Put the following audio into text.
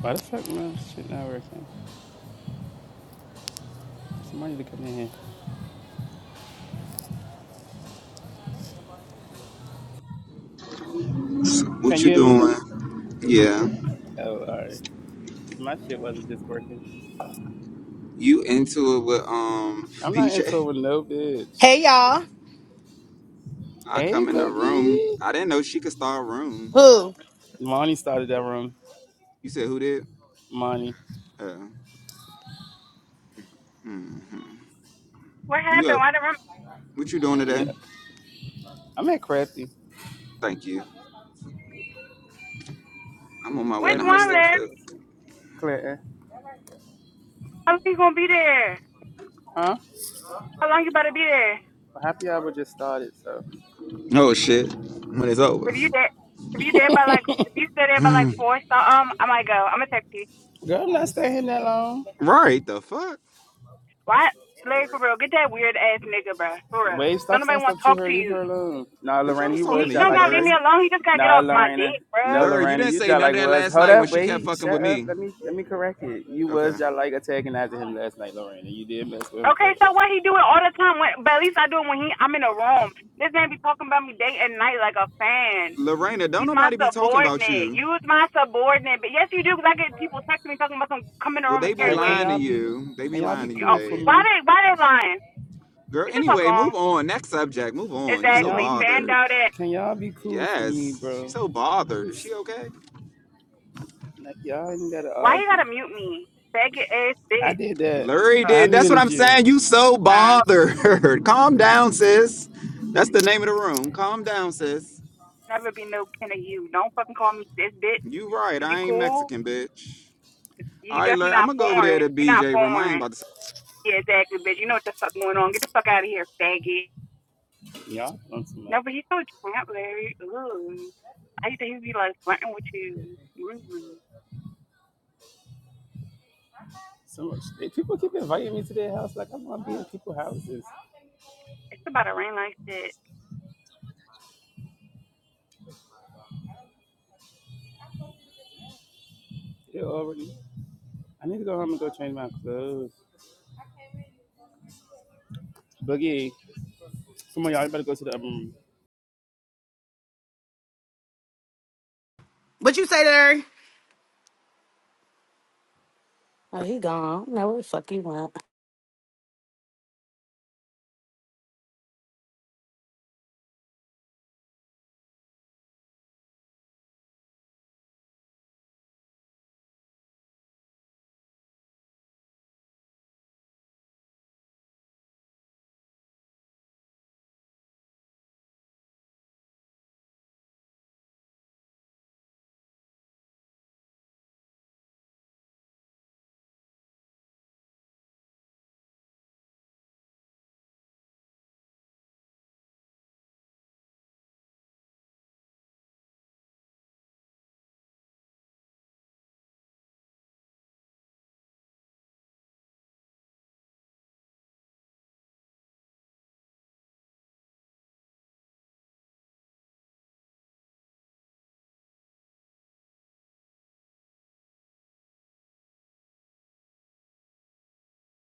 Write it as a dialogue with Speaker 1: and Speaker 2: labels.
Speaker 1: Why the fuck my shit not working? Somebody to come in here.
Speaker 2: So what
Speaker 1: Can
Speaker 2: you
Speaker 1: you hear me?
Speaker 2: doing? Yeah.
Speaker 1: Oh, alright. My shit wasn't just working.
Speaker 2: You into it with um
Speaker 1: I'm not into it
Speaker 2: BJ?
Speaker 1: with no bitch.
Speaker 3: Hey y'all.
Speaker 2: I
Speaker 1: Hey,
Speaker 2: come in the room.
Speaker 1: Boogie.
Speaker 2: I didn't know she could start rooms.
Speaker 3: Who?
Speaker 1: Monty started that room.
Speaker 2: You said who did?
Speaker 1: Monty.
Speaker 2: Uh hmm
Speaker 4: What
Speaker 2: You
Speaker 4: happened?
Speaker 2: up
Speaker 4: Why the room?
Speaker 2: what you doing today?
Speaker 1: No, I'm at Crafty.
Speaker 2: Thank you. I'm on my way in
Speaker 4: Which
Speaker 2: the
Speaker 1: Have me a
Speaker 2: house
Speaker 4: one,
Speaker 2: to
Speaker 1: little
Speaker 4: Larry?
Speaker 1: drink
Speaker 2: cook.
Speaker 1: or something. Clinton.
Speaker 4: How long you gonna be there?
Speaker 1: Huh?
Speaker 4: How long you about to be there?
Speaker 1: Well, happy hour just started, so.
Speaker 2: Oh shit. When it's over.
Speaker 4: If you there, if you there by like, if you stay there by like four, so um, I might go. I'm gonna text you.
Speaker 1: Girl, I'm not staying that long.
Speaker 2: right, the fuck?
Speaker 4: Why, Larry? For real, get that weird ass nigga, bro. For real,
Speaker 1: Wave,
Speaker 4: don't
Speaker 1: stop saying
Speaker 4: nobody want to
Speaker 1: stuff to
Speaker 4: talk
Speaker 1: her.
Speaker 4: to
Speaker 1: Leave
Speaker 4: you.
Speaker 1: her alone. Nah,
Speaker 2: Bitch, I
Speaker 1: Lorena,
Speaker 2: was
Speaker 1: you
Speaker 4: He
Speaker 2: talking
Speaker 1: was
Speaker 2: to
Speaker 1: y'all
Speaker 4: don't
Speaker 2: you,
Speaker 1: like
Speaker 4: gotta leave me
Speaker 2: Larry.
Speaker 1: messing.
Speaker 4: alone. He just gotta get
Speaker 1: Nah,
Speaker 4: off my
Speaker 1: Lorena.
Speaker 4: dick,
Speaker 1: No,
Speaker 4: bro.
Speaker 2: Larry, you
Speaker 1: Lorena,
Speaker 2: didn't
Speaker 1: you
Speaker 2: say
Speaker 1: just
Speaker 2: none
Speaker 1: like
Speaker 2: of that
Speaker 1: was.
Speaker 2: last
Speaker 1: Hold
Speaker 2: night when
Speaker 1: up,
Speaker 2: she kept
Speaker 1: wait,
Speaker 2: fucking with
Speaker 1: shut up.
Speaker 2: me.
Speaker 1: Let me let me correct it. You
Speaker 2: Okay.
Speaker 1: was y'all like attacking after him last night, Lorena. You did mess with him
Speaker 4: Okay,
Speaker 1: first.
Speaker 4: so why he do it all the time? When, but at least I do it when he I'm in a room. This man be talking about me day and night like a fan.
Speaker 2: Lorena, don't
Speaker 4: He's my
Speaker 2: nobody be talking about
Speaker 4: subordinate.
Speaker 2: you.
Speaker 4: Use my subordinate. But yes, you do. Because I get people texting me talking about some come in the
Speaker 2: Well,
Speaker 4: room
Speaker 2: they
Speaker 4: and
Speaker 1: All
Speaker 2: be
Speaker 4: carry
Speaker 1: right, can
Speaker 2: lying
Speaker 4: waves.
Speaker 2: to
Speaker 1: y'all be
Speaker 2: you. They
Speaker 1: can
Speaker 2: be
Speaker 1: y'all
Speaker 2: lying
Speaker 1: be
Speaker 2: to
Speaker 4: Yo,
Speaker 2: you,
Speaker 1: cool
Speaker 2: babe.
Speaker 1: for
Speaker 4: Why
Speaker 1: me?
Speaker 4: they Why they lying?
Speaker 2: Girl,
Speaker 4: Get the fuck
Speaker 2: anyway,
Speaker 4: on.
Speaker 2: move on. Next subject. Move on. You
Speaker 1: Can
Speaker 2: so
Speaker 1: y'all
Speaker 4: Exactly.
Speaker 1: be
Speaker 4: Stand
Speaker 2: bothered.
Speaker 1: cool?
Speaker 4: out at.
Speaker 1: Can y'all be cool for me,
Speaker 2: Yes. She's
Speaker 1: bro?
Speaker 2: so bothered. Is
Speaker 1: Just
Speaker 2: she okay?
Speaker 1: like y'all ain't gotta
Speaker 4: Why you
Speaker 1: argue.
Speaker 4: gotta mute me? Faggot ass
Speaker 1: I
Speaker 4: bitch.
Speaker 1: did that.
Speaker 2: Lurie
Speaker 4: Oh,
Speaker 1: I
Speaker 2: did. That's what
Speaker 1: muted
Speaker 2: I'm
Speaker 1: you.
Speaker 2: saying. You so
Speaker 4: uh,
Speaker 2: bothered. Calm down, sis. That's the name of the room. Calm down, sis.
Speaker 4: never be no kin of you. Don't fucking call me sis bitch.
Speaker 2: You right.
Speaker 4: Is you
Speaker 2: I ain't
Speaker 4: cool?
Speaker 2: Mexican, bitch. All
Speaker 4: You
Speaker 2: right,
Speaker 4: definitely
Speaker 2: Lurie. I'm
Speaker 4: not
Speaker 2: gonna go over there
Speaker 4: foreign.
Speaker 2: to
Speaker 4: You're not
Speaker 2: BJ room. I ain't
Speaker 4: foreign.
Speaker 2: about to
Speaker 4: Yeah, exactly, bitch. You know what the fuck going on. Get the fuck out of here, faggot.
Speaker 1: Y'all want too much.
Speaker 4: No, but he's so tramp, Larry. Ooh. I used to he'd be like flirting with you. Ooh.
Speaker 1: So much. Hey, People keep inviting me to their house. Like I want to be in people's houses.
Speaker 4: It's about a rain like that.
Speaker 1: It already. I need to go home and go change my clothes. Boogie, some of y'all. better go to the um,
Speaker 3: What you say there? Oh, he gone. No, where the fuck he went?